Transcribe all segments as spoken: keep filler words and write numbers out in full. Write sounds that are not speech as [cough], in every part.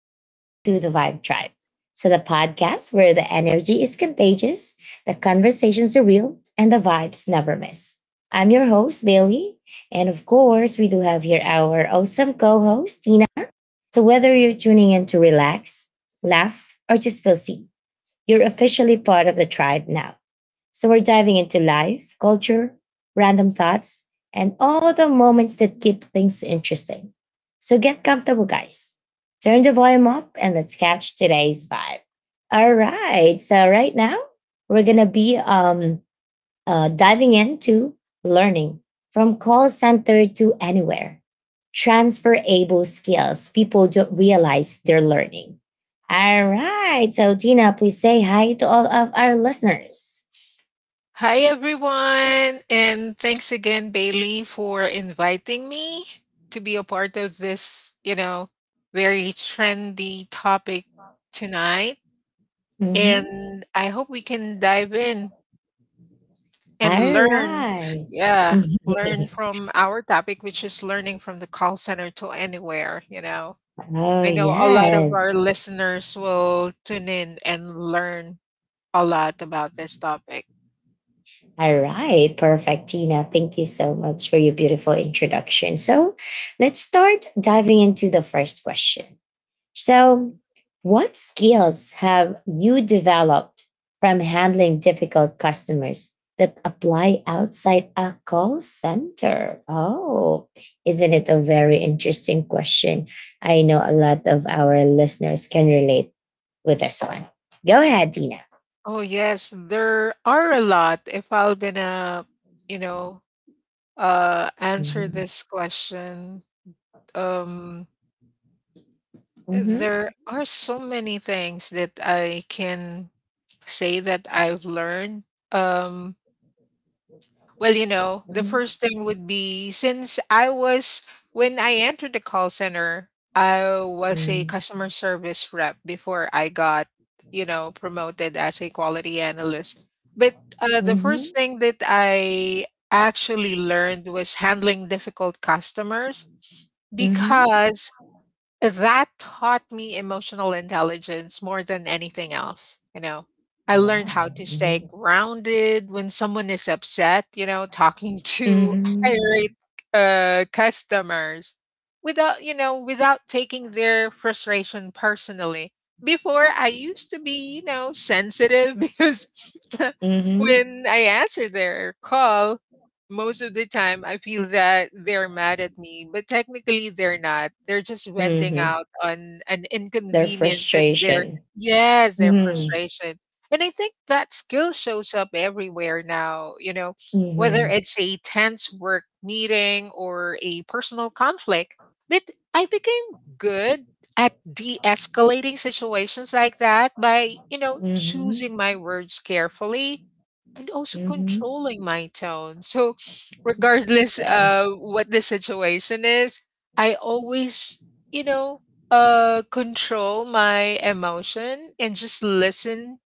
Welcome to the Vibe Tribe. So, the podcast where the energy is contagious, the conversations are real, and the vibes never miss. I'm your host, Bailey. And of course, we do have here our awesome co host, Tina. So, whether you're tuning in to relax, laugh, or just feel seen, you're officially part of the tribe now. So we're diving into life, culture, random thoughts, and all the moments that keep things interesting. So get comfortable, guys. Turn the volume up and let's catch today's vibe. All right. So right now we're gonna be um uh, diving into learning from call center to anywhere. Transferable skills people don't realize they're learning. All right. So, Tina, please say hi to all of our listeners. Hi, everyone, and thanks again, Bailey, for inviting me to be a part of this, you know, very trendy topic tonight. Mhm. And I hope we can dive in and All learn, right. yeah, learn [laughs] from our topic, which is learning from the call center to anywhere. You know, Oh, I know a lot of our yes. listeners will tune in and learn a lot about this topic. All right. Perfect, Tina. Thank you so much for your beautiful introduction. So let's start diving into the first question. So, what skills have you developed from handling difficult customers that apply outside a call center? Oh, isn't it a very interesting question? I know a lot of our listeners can relate with this one. Go ahead, Tina. Oh yes, there are a lot. If I'm gonna, you know, uh, answer Mm-hmm. this question, um, Mm-hmm. there are so many things that I can say that I've learned. Um, Well, you know, the Mm-hmm. first thing would be since I was, when I entered the call center, I was a customer service rep before I got, you know, promoted as a quality analyst. But uh, the Mm-hmm. first thing that I actually learned was handling difficult customers Mm-hmm. because that taught me emotional intelligence more than anything else, you know. I Oh, learned how wow. to Mm-hmm. stay grounded when someone is upset, you know, talking to [laughs] Hmm. irate uh, customers without, you know, without taking their frustration personally. Before, I used to be, you know, sensitive [laughs] because [laughs] Hmm. when I answered their call, most of the time I feel that they're mad at me, but technically they're not. They're just venting Hmm. out on an Their inconvenience at their frustration. yes, their Hmm. frustration. And I think that skill shows up everywhere now, you know, whether Hmm. it's a tense work meeting or a personal conflict. But I became good at de-escalating situations like that by, you know, Hmm. choosing my words carefully and also Hmm. controlling my tone. So, regardless Yeah. uh what the situation is, I always, you know, uh control my emotion and just listen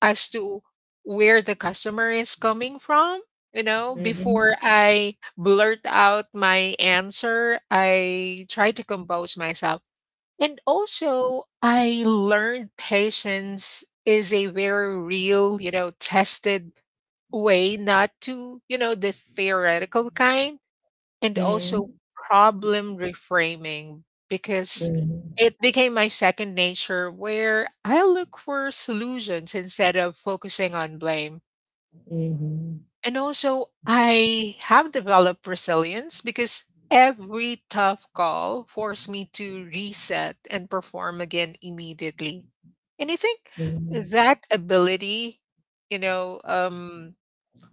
as to where the customer is coming from. You know, Hmm. Hmm. before I blurt out my answer, I try to compose myself. And also, I learned patience is a very real, you know, tested way not to, you know, the theoretical kind and Hmm. also problem reframing because Hmm. it became my second nature where I look for solutions instead of focusing on blame. And also, I have developed resilience because every tough call forced me to reset and perform again immediately. And I think Hmm. that ability, you know, um,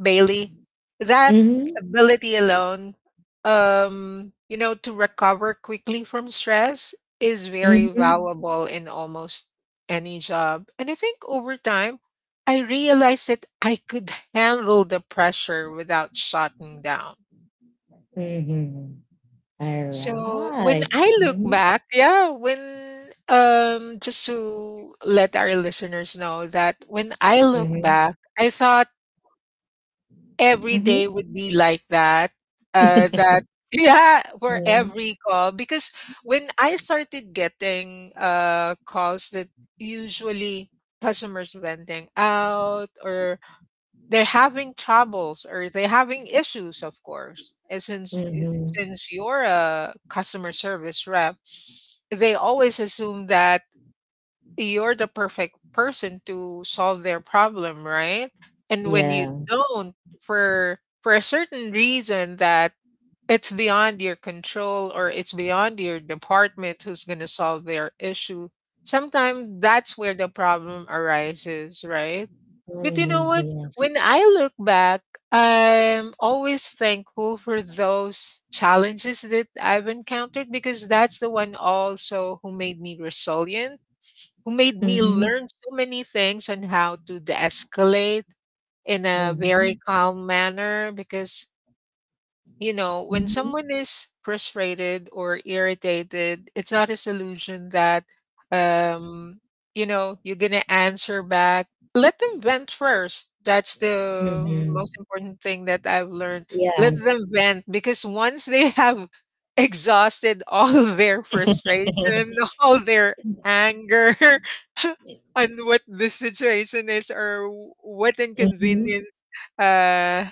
Bailey. That Hmm. ability alone, um, you know, to recover quickly from stress is very valuable in almost any job. And I think over time, I realized that I could handle the pressure without shutting down. Hmm. Hmm. All So when right. I look Mm-hmm. back, yeah, when um just to let our listeners know that when I look Mm-hmm. back, I thought every Mm-hmm. day would be like that. Uh, that [laughs] yeah, for every call because when I started getting uh calls that usually customers venting out or they're having troubles or they're having issues, of course. And [laughs] since eh, Mm-hmm. since you're a customer service rep, they always assume that you're the perfect person to solve their problem, right? And when Yeah. you don't for for a certain reason that it's beyond your control or it's beyond your department who's going to solve their issue, sometimes that's where the problem arises, right? But you know Mm, what? yes. When I look back, I'm always thankful for those challenges that I've encountered because that's the one also who made me resilient who made me Mhm, learn so many things on how to de-escalate in a very mhm, calm manner because you know, when mhm, someone is frustrated or irritated, it's not a solution that, um, you know, you're going to answer back. Let them vent first. That's the mhm. most important thing that I've learned. Yeah. Let them vent because once they have exhausted all [laughs] their frustration, [laughs] all their anger, [laughs] on what the situation is or what Mhm. inconvenience uh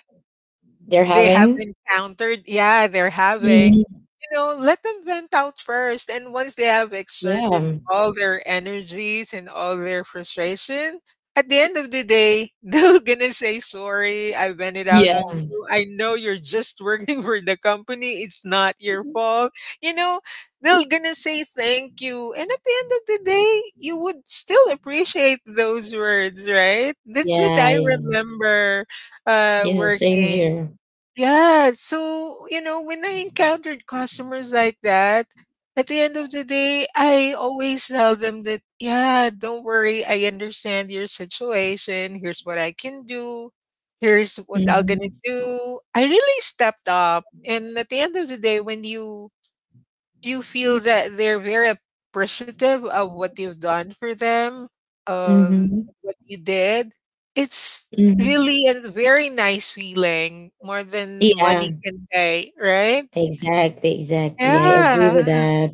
They're they have having? encountered yeah they're having, Mhm. you know, let them vent out first. And once they have exerted Yeah. all their energies and all their frustration at the end of the day [laughs] they're gonna say sorry, I vented out Yeah. on you, I know you're just working [laughs] for the company, it's not your fault, you know, they're gonna say thank you. And at the end of the day you would still appreciate those words, right? That's what Yeah, I yeah. remember uh Yeah, same working. here. Yeah, so, you know, when I encountered customers like that, at the end of the day, I always tell them that, yeah, don't worry, I understand your situation. Here's what I can do. Here's what I'm gonna Mhm, do. I really stepped up. And at the end of the day, when you you feel that they're very appreciative of what you've done for them, um, mhm, what you did. It's mhm. really a very nice feeling, more than Yeah, money can pay, right? exactly, exactly. I agree with Yeah, that.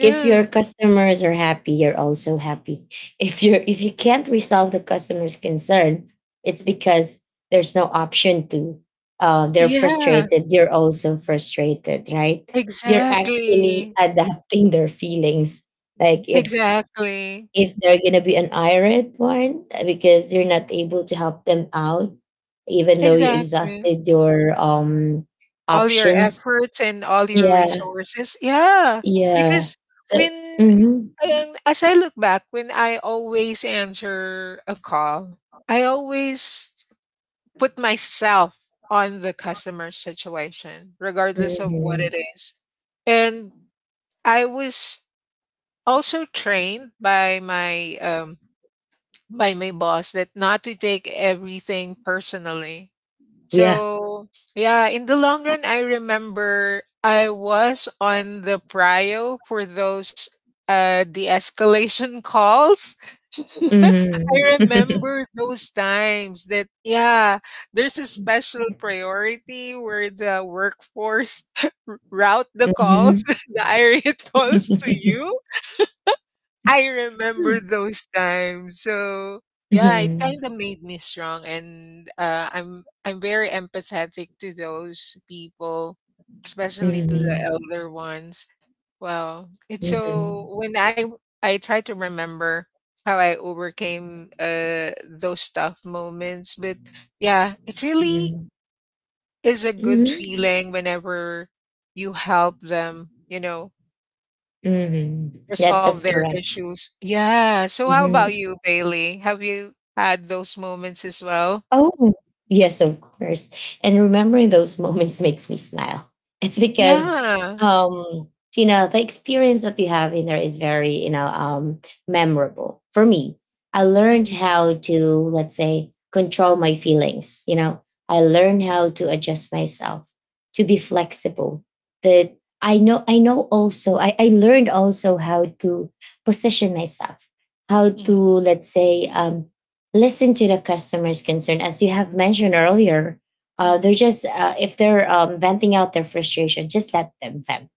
If your customers are happy, you're also happy. [laughs] if you are if you can't resolve the customer's concern, it's because there's no option to. Uh, they're yeah, frustrated, you're also frustrated, right? You're actually exactly, [laughs] adapting their feelings, like, if exactly, if they're gonna be an irate one, uh, because you're not able to help them out, even though you exactly. exhausted your um All your options. efforts and all your Yeah, resources, yeah, yeah. because So. when Hmm. And as I look back, when I always answer a call, I always put myself on the customer situation, regardless of what Hmm. it is. And I was also trained by my um, by my boss that not to take everything personally, Yeah. so, yeah, in the long run, I remember I was on the prio for those uh de-escalation calls. [laughs] I Mhm. [laughs] remember those times that yeah, there's a special priority where the workforce [laughs] route the calls, Mhm. [laughs] the irate calls to [laughs] you. I remember Mhm. those times. So yeah, it kind Mhm. of made me strong, and uh, I'm I'm very empathetic to those people, especially to the elder ones. Well, it's so Mhm. when I I try to remember how I overcame uh, those tough moments, but yeah, it really Mhm. is a good Mhm. feeling whenever you help them. You know, Mhm. Yes, resolve that's their correct. issues. Yeah. So how about Mhm. you, Bailey? Have you had those moments as well? Oh, yes, of course. And remembering those [laughs] moments makes me smile. It's because, Yeah. um, Tina, the experience that you have in there is very, you know, um, memorable for me. I learned Mhm, how to, let's say, control my feelings. You know, I learned how to adjust myself, to be flexible. That I know, I know also, I, I learned also how to position myself, how to, mhm, let's say, um, listen to the customer's concern as you have mentioned earlier. uh, mhm, They're just, uh, if they're, um, venting out their frustration, just let them vent.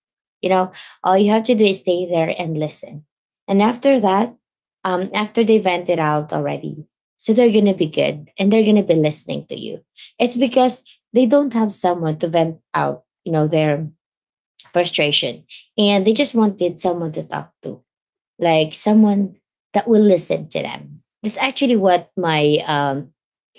you know all you have to do is stay there and listen, and after that, um, after they vent it out already, so they're gonna be good and they're gonna be listening to you. It's because they don't have someone to vent out, you know their frustration, and they mhm, just wanted someone to talk to, like someone that will listen to them. That's actually what my um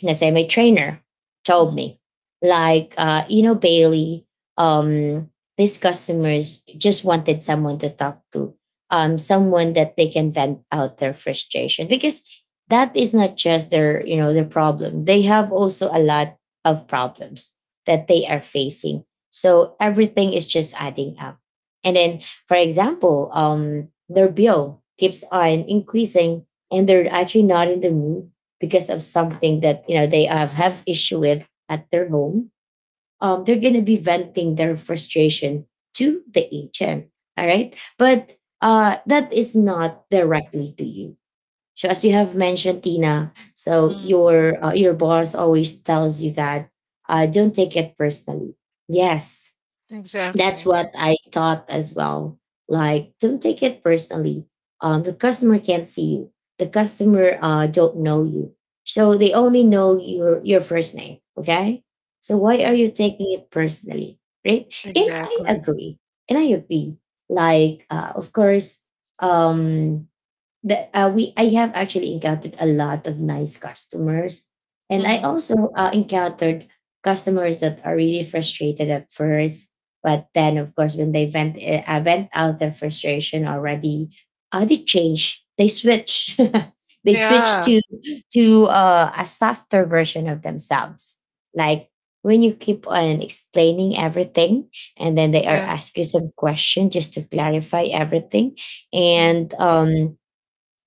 let's say my trainer told mhm, me. Like, uh, you know, Bailey, um, these customers just wanted someone to talk to, um, someone that they can vent out their frustration, because that is not just their, you know, their problem. They have also a lot of problems that they are facing. So everything is just adding up. And then, for example, um, their bill keeps on increasing, and they're actually not in the mood because of something that you know they have, have issue with at their home. Um, they're going to be venting their frustration to the agent. All right, but, uh, that is not directly to you. So as you have mentioned, Tina, so mhm. your uh, your boss always tells you that, uh, don't take it personally. Yes, that's Exactly. what I thought as well. Like, don't take it personally. Um, the customer can't see you. The customer, uh don't know you, so they only know your your first name. Okay, so why are Mhm. you taking it personally, right? And I Exactly. agree, and I agree. Like, uh, of course, um, the uh, we I have actually encountered a lot of nice customers, and I Mhm. also, uh, encountered customers that are really frustrated at first, but then, of course, when they vent uh, uh, vent out their frustration already, uh, they change, they switch, [laughs] they switch Yeah. to to uh, a softer version of themselves, like. When you keep on explaining everything, and then they are Yeah. ask you some question just to clarify everything, Mhm. and, um,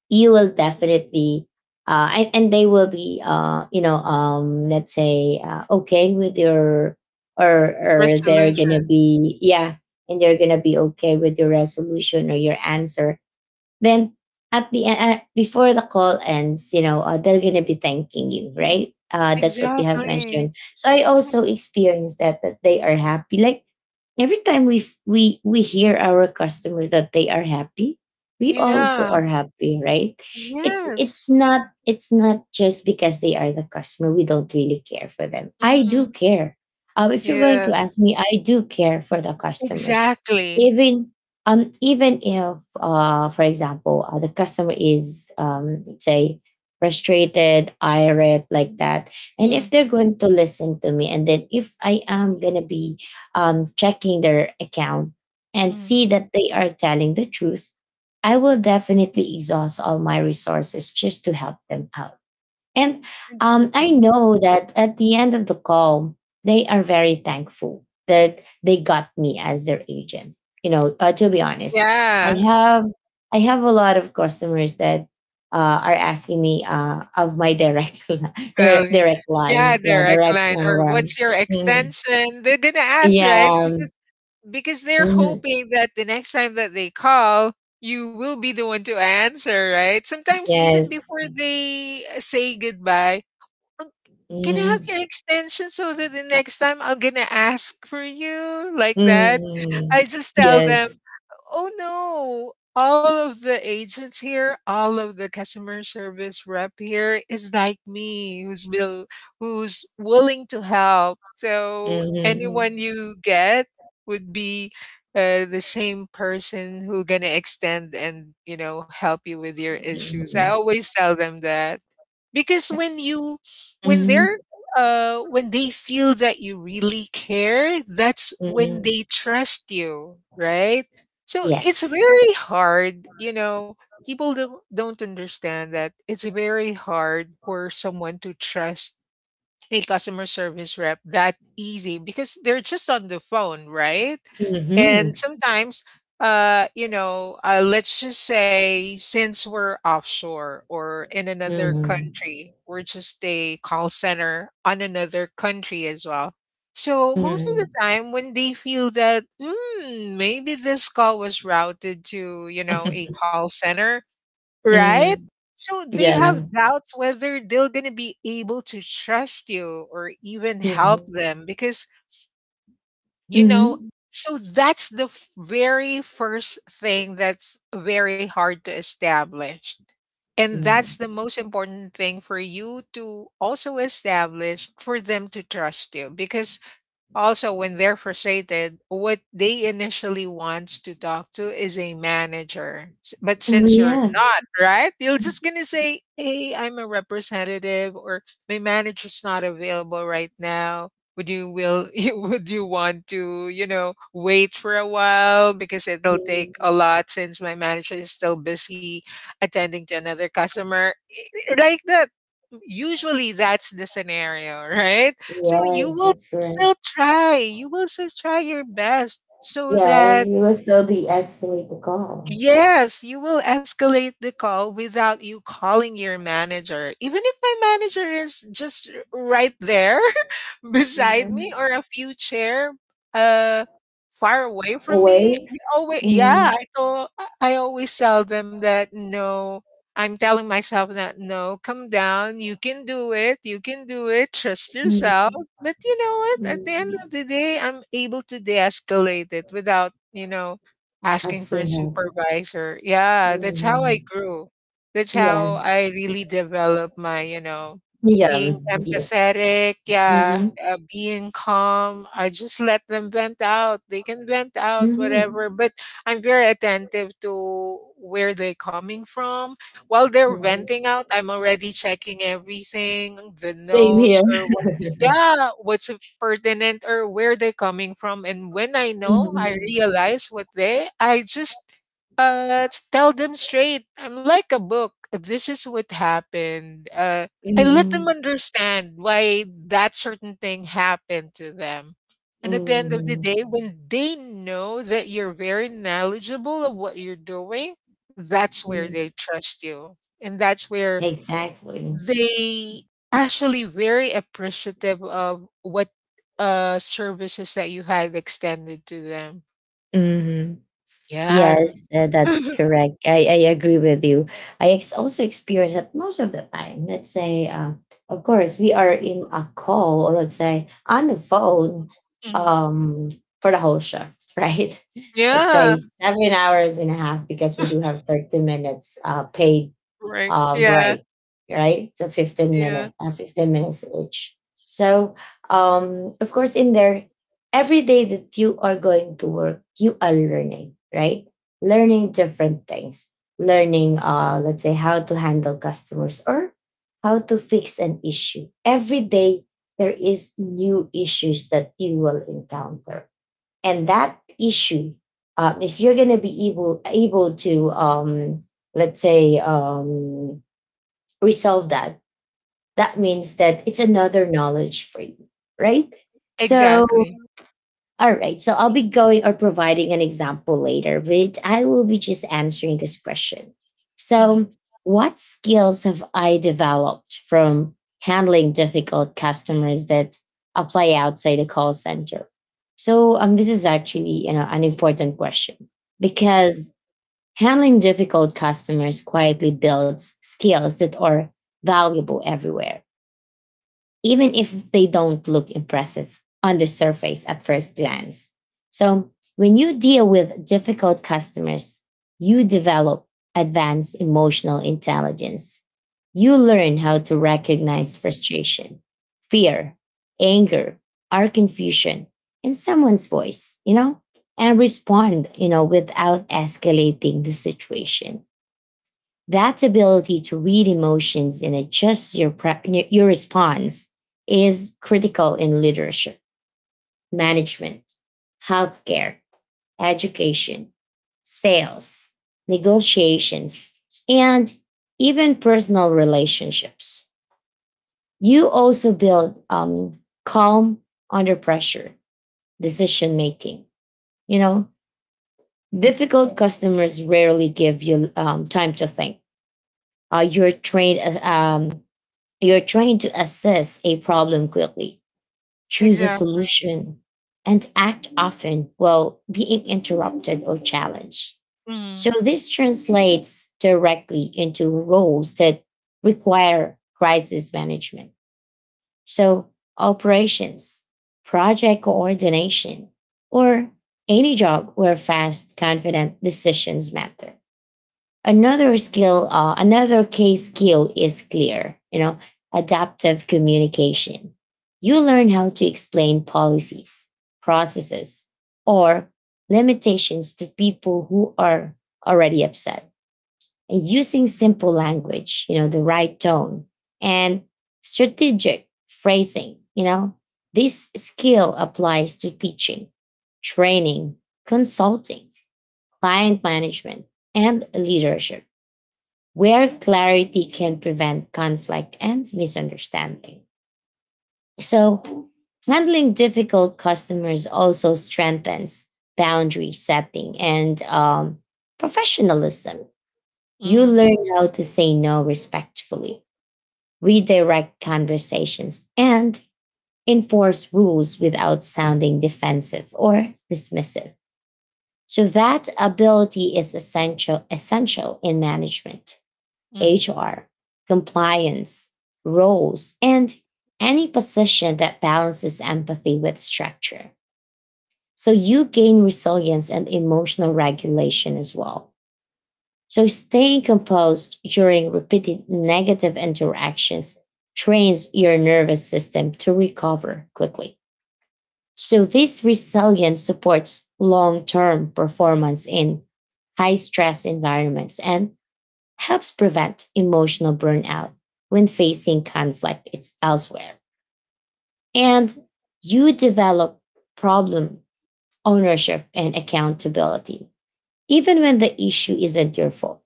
you will definitely, uh, and, and they will be, uh, you know um, let's say, uh, okay with your, or or they're gonna Resolution. be, yeah, and they're gonna be okay with your resolution or your answer. Then at the end, uh, before the call ends, you know uh, they're gonna be thanking you, right? Uh, that's what you have Exactly. mentioned. So I also Mhm. experienced that, that they are happy. Like, every time we f- we we hear our customer that they are happy, we also Yeah. are happy, right? it's it's Yes. not it's not just because they are the customer we don't really care for them. I do Mhm. care. Um, if you're going to Yes. ask me, I do care for the customers, Exactly. even, um even if, uh for example, uh, the customer is, um say, frustrated, irate, like that, and if Mm, they're going to listen to me, and then, if I am gonna be, um, checking their account and mm. see that they are telling the truth, I will definitely exhaust all my resources just to help them out. And, um, I Exactly. know that at the end of the call, they are very thankful that they got me as their agent. You know, uh, to be honest, I Yeah. have I have a lot of customers that, uh, are asking me, uh, of my direct [laughs] li- Tell their you. direct Yeah, line, yeah, direct direct line or number. what's your Mhm. extension? They're gonna ask, right? Yeah. Because because they're Mm-hmm. hoping that the next time that they call, you will be the one to answer, right? Sometimes even Yes. before they uh, say goodbye, "Oh, can I have Mhm. your extension so that the next time I'm gonna ask for you like that? Mm. I just tell them. Yes. Oh no. All of the agents here, all of the customer service rep here is like me who's will, who's willing to help. So Mhm. anyone you get would be uh, the same person who gonna extend and you know help you with your issues. I Mhm. always tell them that because when you when they're Mhm. uh when they feel that you really care, that's when Mhm. they trust you, right? So it's Yes. very hard, you know, people don't don't understand that it's very hard for someone to trust a customer service rep that easy because they're just on the phone, right? Mhm. And sometimes, uh, you know, uh, let's just say since we're offshore or in another Mhm. country, we're just a call center on another country as well. So most of the Mhm. time, when they feel that mm, maybe this call was routed to, you know, a [laughs] call center, right? Mhm. So they Yeah. have doubts whether they're going to be able to trust you or even help Mhm. them because, you know, Mhm. so that's the f- very first thing that's very hard to establish. And that's Mhm. the most important thing for you to also establish for them to trust you because also, when they're frustrated, what they initially wants to talk to is a manager. S- But Oh, since you're yeah. not, right? You're just going to say, hey, I'm a representative or my manager's not available right now. Would you will [laughs] you- would you want to, you know, wait for a while because it'll take a Mhm. lot since my manager is still busy attending to another customer. [laughs] Like that. Usually that's the scenario, [laughs] right? So you Yes, will that's right. still try. You will still try your best so Yeah, that it was still de-escalate the call. yes, you will escalate the call without you calling your manager. Even if my manager is just r- right there [laughs] beside me Yeah. or a few chair uh far away from me, Away. I always yeah, Mhm. I told I always tell them that no, I'm telling myself that no, come down, you can do it, you can do it, trust Mhm. yourself. But you know what? At the end Mhm. of the day, I'm able to de-escalate it without, you know, asking for a Asking her. supervisor. Yeah, that's how I Mhm. grew. That's how Yeah. I really developed my, you know, Yeah, being mm, yeah. empathetic, yeah, Mhm, uh, being calm. I just let them vent out. They can vent out mhm, whatever, but I'm very attentive to where they're coming from. While they're mhm. venting out, I'm already checking everything, the Same here. notes or what yeah, what's pertinent or where they're coming from. And when I know, I Mhm, realize what they, I just uh s- tell them straight. I'm like a book. This is what happened. Uh, I let them mhm, understand why that certain thing happened to them. And at the end of the mhm, day, when they know that you're very knowledgeable of what you're doing, that's where they mm. trust you. And that's where Exactly. they actually very appreciative of what uh services that you had extended to them. Hmm. Yeah. [laughs] Yes, uh, that's correct. I, I agree with you. I ex- also experience that most of the time. Let's say, um, of course, we are in a call, or let's say on the phone, Mhm. um, for the whole shift, [laughs] right? Let's say Yeah. seven hours and a half, because we do [laughs] have thirty minutes, uh, paid, Right. um, Yeah. break, right? So, fifteen Yeah. minute, uh, fifteen minutes each. So, um, of course, in there, every day that you are going to work, you are learning, right? Learning different things, learning, uh, let's say, how to handle customers, or how to fix an issue. Every day, there is new issues that you will encounter, and that issue, um, if you're gonna be able able to, um, let's say, um resolve that, that means that it's another knowledge for you, right? So, Exactly. all right. So I'll be going or providing an example later, but I will be just answering this question. Hmm. So, what skills have I developed from handling difficult customers that apply outside the call center? So, um, this is actually, you know an important question, because handling difficult customers quietly builds skills that are valuable everywhere, even if they don't look impressive on the surface at first glance. So, when you deal with difficult customers, you develop advanced emotional intelligence. You learn how to recognize frustration, fear, anger, our confusion in someone's voice, you know, and respond, you know, without escalating the situation. That ability to read emotions and adjust your, pre- your response is critical in leadership, management, healthcare, education, sales, negotiations, and even personal relationships. You also build, um, calm under pressure, decision making. You know, difficult customers rarely give you, um, time to think. Uh, you're trained uh, um, You're trying to assess a problem quickly, choose a Exactly. solution, and act often while being interrupted or challenged. Mm-hmm. So, this translates directly into roles that require crisis management. So, operations, project coordination, or any job where fast, confident decisions matter. Another skill, uh, another key skill is clear, you know, adaptive communication. You learn how to explain policies, processes, or limitations to people who are already upset, and using simple language, you know, the right tone, and strategic phrasing. You know, this skill applies to teaching, training, consulting, client management, and leadership, where clarity can prevent conflict and misunderstanding. So, handling difficult customers also strengthens boundary setting and, um, professionalism. You Mm-hmm. learn how to say no respectfully, redirect conversations, and enforce rules without sounding defensive or dismissive. So that ability is essential essential in management, Mm-hmm. H R, compliance, roles, and any position that balances empathy with structure. So you gain resilience and emotional regulation as well. So staying composed during repeated negative interactions trains your nervous system to recover quickly. So this resilience supports long-term performance in high stress environments and helps prevent emotional burnout when facing conflict it's elsewhere. And you develop problem ownership and accountability. Even when the issue isn't your fault,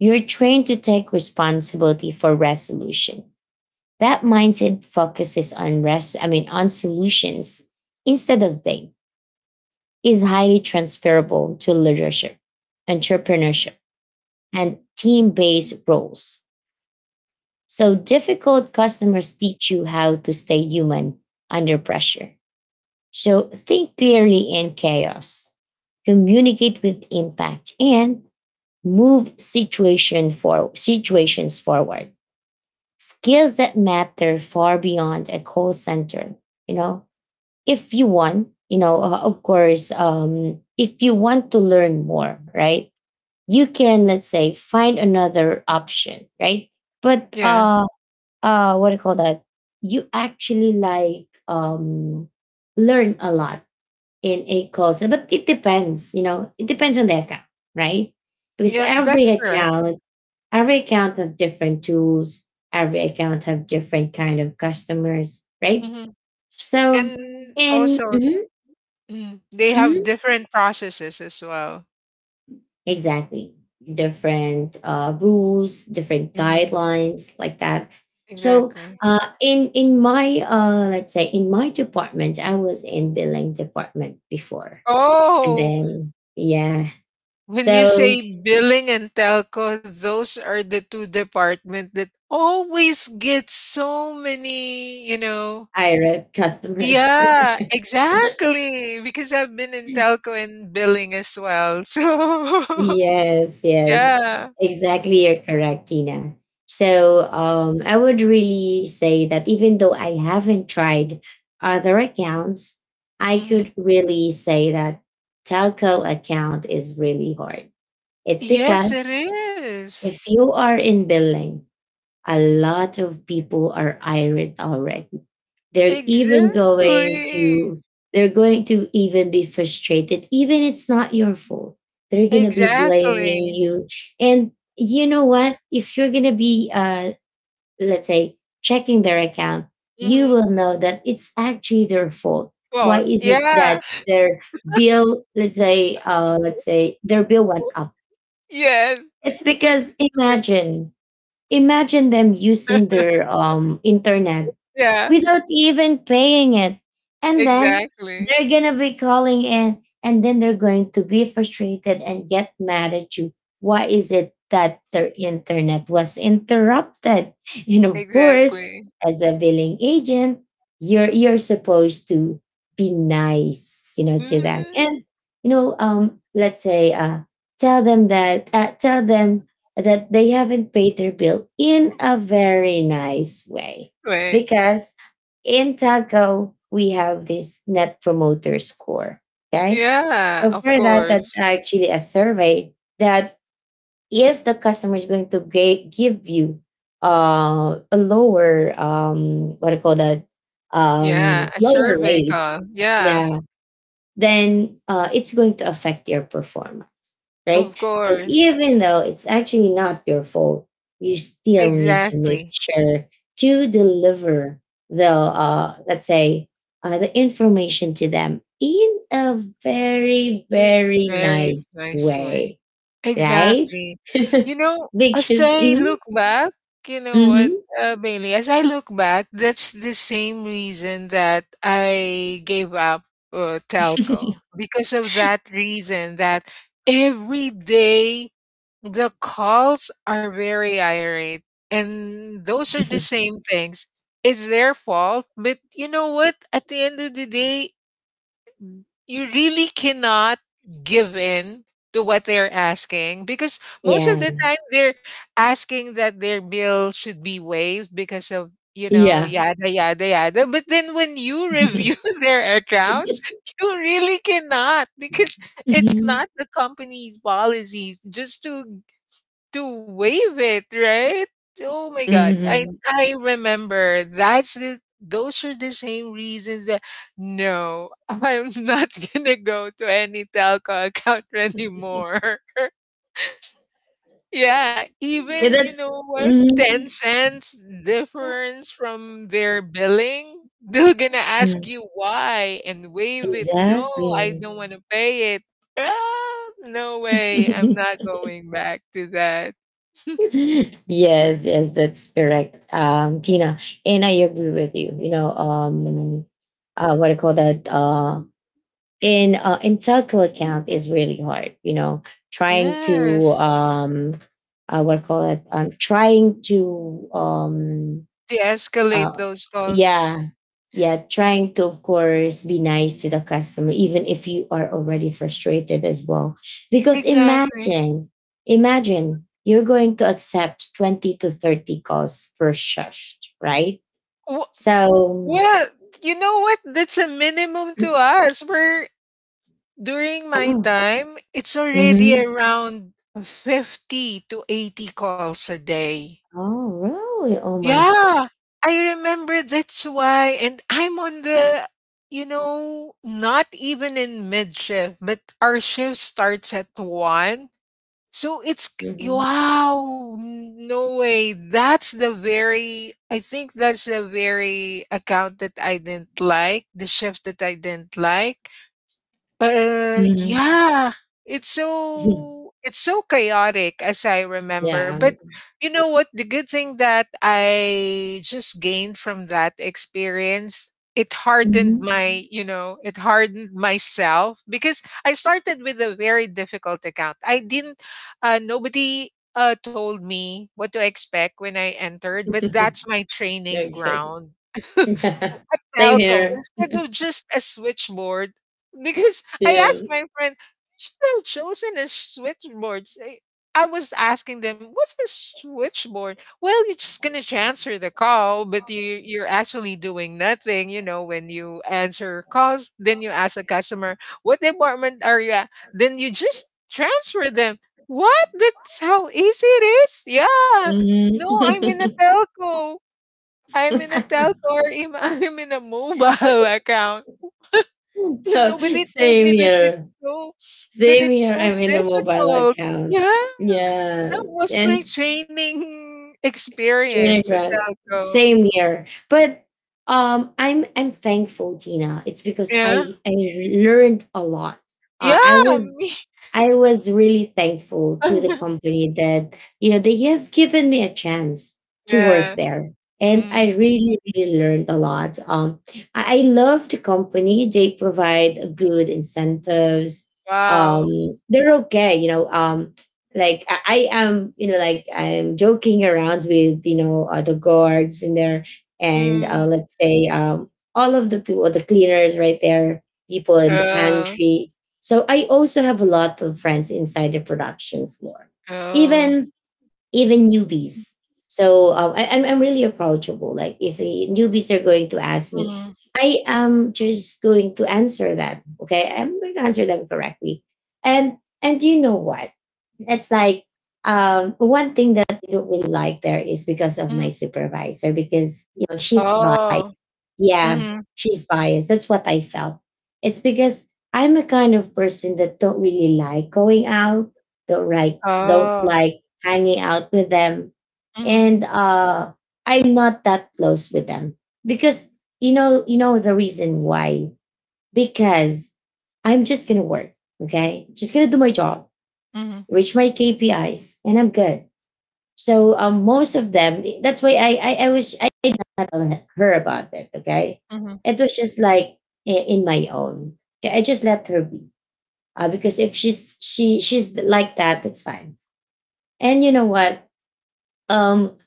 you're trained to take responsibility for resolution. That mindset focuses on rest, I mean on solutions instead of blame is highly transferable to leadership, entrepreneurship, and team-based roles. So difficult customers teach you how to stay human under pressure. So think clearly in chaos, communicate with impact, and move situation for situations forward. Skills that matter far beyond a call center. You know, if you want, you know, uh, of course, um, if you want to learn more, right? You can, let's say, find another option, right? But Yeah. uh, uh what do you call that, you actually like, um learn a lot in a course, but it depends, you know, it depends on the account, right? Because Yeah, every that's correct. account, every account have different tools, every account have different kind of customers, right? Hmm. So And and also, mhm, mm, they have mhm. different processes as well. Exactly. Different uh, rules, different Hmm. guidelines, like that. So, Exactly. uh, in in my uh, let's say in my department, I was in billing department before, and Oh, then yeah, when you so say billing and telco, those are the two department that always get so many, you know. I wrote customers. [laughs] Yeah, exactly. Because I've been in telco and billing as well. So, Yes, [laughs] yes, yeah. exactly. You're correct, Tina. So um, I would really say that even though I haven't tried other accounts, I Mhm. could really say that telco account is really hard. It's Yes, it because is. if you are in billing, a lot of people are irate already. They're even going Exactly. to they're going to even be frustrated even it's not your fault. They're going to be blaming Exactly. you. And you know what? If you're going to be uh let's say checking their account, you Mm-hmm. will know that it's actually their fault. Why What? is it Yeah. that their bill, let's say uh let's [laughs] say their bill went up? Yes. It's With because imagine, imagine them using [laughs] their um internet yeah, without even paying it. And then exactly. they're going to be calling in and then they're going to be frustrated and get mad at you. Why is it that their internet was interrupted? [laughs] And of course, Exactly. as a billing agent, you're you're supposed to be nice, you know, to them. Mm, And you know, um, let's say uh tell them that uh, tell them that they haven't paid their bill in a very nice way, right. because in Taco, we have this net promoter score. Okay. Yeah, So of for that, that's course. actually a survey that, if the customer is going to ga- give you uh, a lower, um, what do you call that, Yeah, um, a lower survey rate, call. Yeah, yeah, then uh, it's going to affect your performance, right? of So course. even though it's actually not your fault, you still need to make Exactly. sure to deliver the, uh, let's say, uh, the information to them in a very, Very, very very nice nice way. way, right? Exactly. You [laughs] know, as because, I mhm, look back, you know what, mhm, uh, Bailey, as I look back, that's the same reason that I gave up uh, telco. Because of that reason that every day the calls are very irate. And those are the same things. It's their fault. But you know what? At the end of the day, you really cannot give in to what they're asking because most of yeah, the time they're asking that their bill should be waived because of you know yeah. yada yada yada, but then when you review [laughs] [laughs] their accounts you really cannot because it's Mhm. not the company's policies just to to wave it, right? Oh my god. I Mhm. I remember that's the those are the same reasons that no, I'm not [laughs] gonna go to any telco account anymore. [laughs] Yeah, Yeah, even you that's. know what, Mhm. ten cents difference from their billing, they're gonna ask you why and waive it. No, I Exactly. don't want to pay it. Ah, no way, I'm not going back to that. [laughs] Yes, yes, that's correct, um, Tina. And I agree with you. You know, um, uh, what I call that uh, in uh, in telco account is really hard. You know, trying to Yes. um, uh, what I call it, um, trying to um, De-escalate Uh, those calls. yeah. Yeah. Trying to, of course, be nice to the customer, even if you are already frustrated as well. Because Exactly. imagine, imagine you're going to accept twenty to thirty calls per shift, right? Wh- So, Well, you know what? That's a minimum to us. We're During my oh, time, it's already mhm. around fifty to eighty calls a day. Oh really? Oh my gosh. Yeah, I remember that's why. And I'm on the, you know, not even in mid shift, but our shift starts at one. So it's k- Mhm. wow, no way. That's the very I think that's the very account that I didn't like, the chef that I didn't like. Uh, Mhm. yeah. It's [laughs] so it's so chaotic as I remember. Yeah. But you know what? The good thing that I just gained from that experience, it hardened Mhm. my, you know, it hardened myself because I started with a very difficult account. I didn't uh Nobody uh told me what to expect when I entered, but that's [laughs] my training Okay. ground. [laughs] A [laughs] Same telco here. instead of just a switchboard because I Yeah. asked my friend, should I have chosen a switchboard. Say- I was asking them, what's a switchboard? Well, you're just gonna transfer the call, but you you're actually doing nothing, you know, when you answer calls, then you ask a customer, what department are you at? Then you just transfer them. What? That's how easy it is? Yeah. No, I'm in a Mhm. telco. I'm in a [laughs] telco or im- [laughs] I'm in a mobile [laughs] account. [laughs] So Nobody told same me that it's here. so that Same it's here. so I'm in the mobile difficult. account. Yeah, Yeah. that was my And training experience at Trinidad. Dalco. Same here. But um I'm I'm thankful, Tina. It's because Yeah, I I learned a lot. Uh, I yeah, was me. I was really thankful to the [laughs] company that you know they have given me a chance to Yeah. work there, and I Mm, really really learned a lot. Um, I, I love the company; they provide good incentives. wow. Um, they're okay, you know. Um, like I, I am, you know, like I'm joking around with you know uh, the guards in there, and Mm, uh, let's say um all of the people, the cleaners right there, people in the yeah. pantry. So I also have a lot of friends inside the production floor, Oh. even even newbies. So um, I, I'm I'm really approachable. Like if the newbies are going to ask me, Mm, I am just going to answer them. Okay, I'm going to answer them correctly. And and you know what? It's like, um, one thing that I don't really like there is because of my mm. supervisor, because you know she's biased, Oh. yeah, Mm, she's biased. That's what I felt. It's because I'm a kind of person that don't really like going out, don't like don't oh. like hanging out with them. Mm, And uh I'm not that close with them. Because you know, you know the reason why? Because I'm just gonna work, okay? Just gonna do my job, mm, reach my K P Is, and I'm good. So um, most of them, that's why I I, I was I did not tell her about it. Okay, mm, it was just like i- in my own. Okay, I just let her be, uh, because if she's she she's like that, that's fine. And you know what? Um,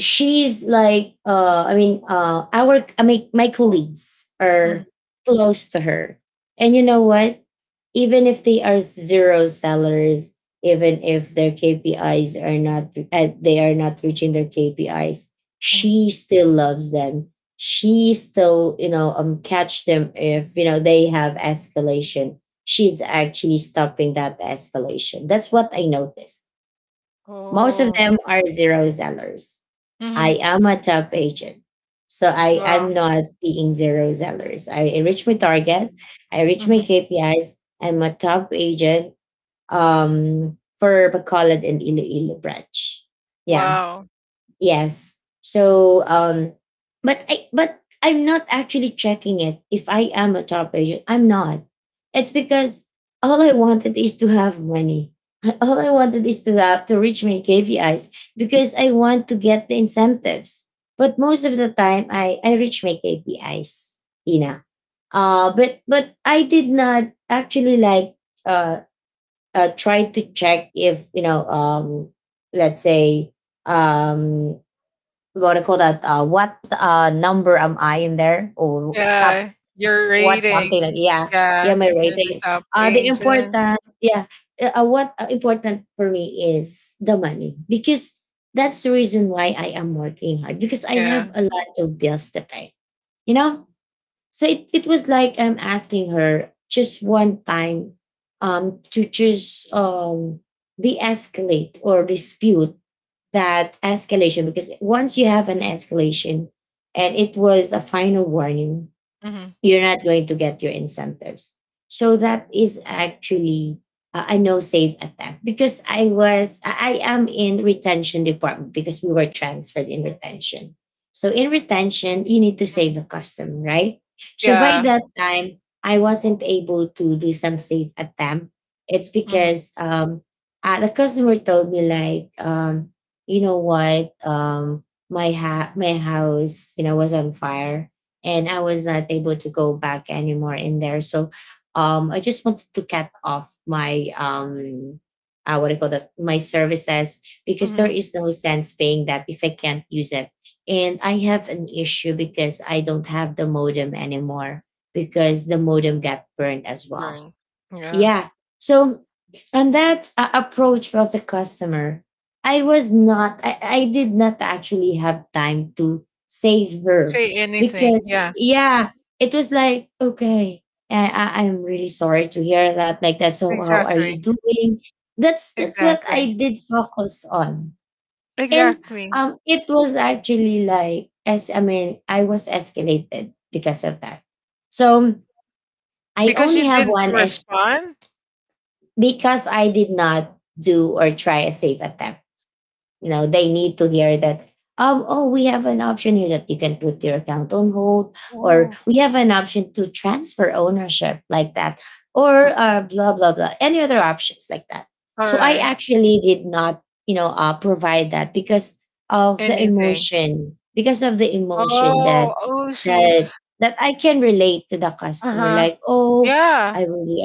she's like uh i mean uh our, I mean my colleagues mm, are close to her, and you know what, even if they are zero sellers, even if their K P Is are not, uh, they are not reaching their K P Is, mm. she still loves them. She still, you know, um catch them if you know they have escalation. She's actually stopping that escalation. That's what I noticed. Most of Oh. them are zero sellers. I Mm, am a top agent. So I, wow. I'm not being zero sellers. I, I reach my target. I reach my Mm, K P Is. I'm a top agent um, for Bacolod and Iloilo branch. Yeah. wow. Yes. So um but I, but I'm not actually checking it if I am a top agent. I'm not. It's because all I wanted is to have money. [laughs] All I wanted is to have to reach my K P Is because I want to get the incentives. But most of the time I I reach my K P Is, Tina. Uh but but I did not actually like uh uh try to check if you know um let's say um what do you call that? Uh, what uh, number am I in there? Or top Yeah, your what, rating. something like, yeah, yeah, Yeah, my you're the rating. top Uh, the important agent. yeah, uh, uh, what uh, important for me is the money, because that's the reason why I am working hard because I have Yeah. a lot of bills to pay. You know, so it, it was like I'm asking her just one time, um, to just um de-escalate or dispute that escalation, because once you have an escalation and it was a final warning, Mhm, you're not going to get your incentives. So that is actually uh, I know safe attempt, because I was I I am in retention department, because we were transferred in retention. So in retention, you need to save mhm. the customer, right? So by Yeah. that time, I wasn't able to do some safe attempt. It's Mhm, because um uh, the customer told me like, um you know what, um my ha- my house you know was on fire and I was not able to go back anymore in there. So um, I just wanted to cut off my um, uh, what do you call that? My services, because there mhm. is no sense paying that if I can't use it. And I have an issue because I don't have the modem anymore because the modem got burned as well. Right. Yeah. Yeah. So on that uh, approach of the customer, I was not, I, I did not actually have time to save her Say anything. because, Yeah, yeah, it was like, okay, I, I, I'm really sorry to hear that. Like that. So how are you exactly, doing? That's, that's what exactly, I did focus on. And exactly. um, it was actually like, as I mean, I was escalated because of that. So I Because only you have didn't one, respond? because I did not do or try a safe attempt. You know, they need to hear that, um oh, we have an option here that you can put your account on hold, or Oh, we have an option to transfer ownership, like that, or uh, blah blah blah, any other options like that. So I alright. actually did not, you know, uh, provide that because of the Anything. emotion, because of the emotion Oh, that oh, see. that that I can relate to the customer, Uh-huh. like, oh, Yeah, I really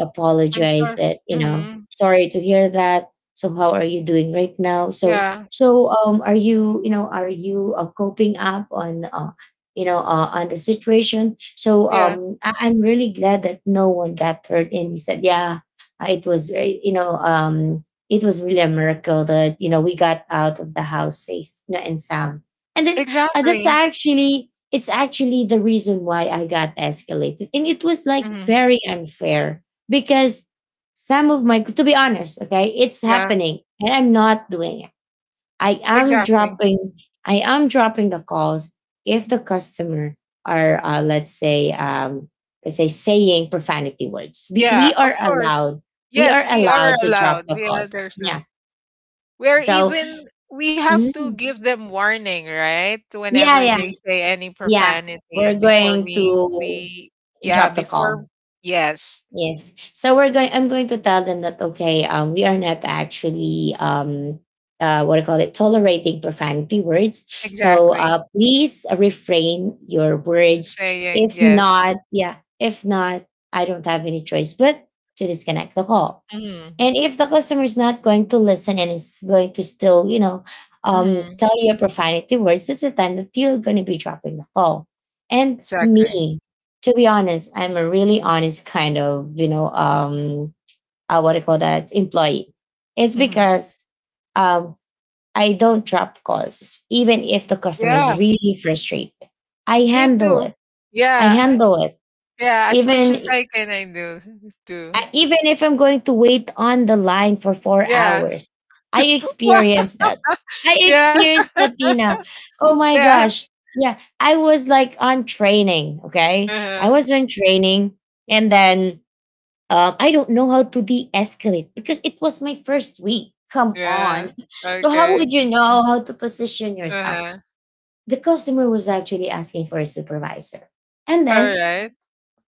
I'm apologize sorry. that, you know, Mhm. sorry to hear that, so how are you doing right now? So Yeah, so, um, are you, you know, are you uh, coping up on, uh, you know, uh, on the situation? So, yeah. um, I- I'm really glad that no one got hurt. And he said, yeah, uh, it was, uh, you know, um, it was really a miracle that you know we got out of the house safe, you know, and sound. And then uh, that's Exactly. actually it's actually the reason why I got escalated, and it was like Mhm. very unfair because some of my to be honest okay it's Yeah, happening and I'm not doing I am exactly. dropping I am dropping the calls if the customer are uh, let's say um, let's say saying profanity words. We Yeah, we are of course. allowed we are Yes, we are allowed to drop allowed. the We are calls. There's Yeah. a we're So even we have to mm, give them warning, right? yeah, Whenever yeah, they say any yeah, profanity we're before going to we we yeah, drop the call. before yes, Yes. So we're going I'm going to tell them that okay, um, we are not actually um uh, what do you call it, tolerating profanity words. So exactly. uh, please refrain your I'm words. saying If yes. not, yeah, if not, I don't have any choice but to disconnect the call. Hmm. And if the customer is not going to listen and is going to still, you know, um, Hmm. tell you a profanity words, that's the time that you're going to be dropping the call. And Exactly. me, to be honest, I'm a really honest kind of, you know, um, uh, what do you call that, employee. It's Hmm. because um, I don't drop calls, even if the customer Yeah, is really frustrated. I me handle too. it. I Yeah, I- handle it. yeah, as much Even as I can I do too. I, even if I'm going to wait on the line for four Yeah. hours, I [laughs] Wha- experienced that. I yeah, experienced that, Tina. Oh my yeah. gosh. Yeah, I was like on training. Okay. I Uh-huh. was on training. And then um, I don't know how to de escalate because it was my first week. Come on. Yeah. [laughs] So, how would Okay. you know how to position yourself? Uh-huh. The customer was actually asking for a supervisor. And then Alright.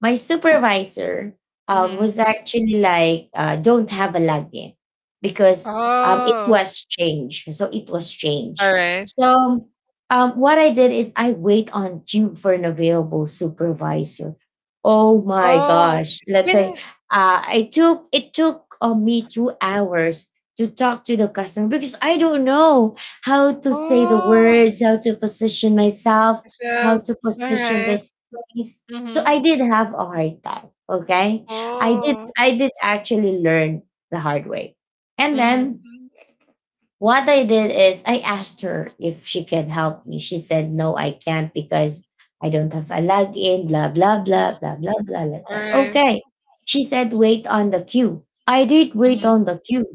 my supervisor um, was Mhm. actually like, uh, don't have a login because um, it Oh, was changed. So it was changed. alright. So um, what I did is I wait on queue for an available supervisor. Oh my Oh, gosh. Let's say when uh, I took it took uh, me two hours to talk to the customer because I don't know how to say the oh, words, how to position myself, how so to position Alright. this place, so Mhm. I did have a hard time. Okay. I did Oh. I did actually learn the hard way. And then Mhm. what I did is I asked her if she can help me. She said, no, I can't because I don't have a login, blah, blah, Mhm. blah, blah, blah, blah, like that. Alright. Okay. She said, wait on the queue. I did wait Mhm. on the queue.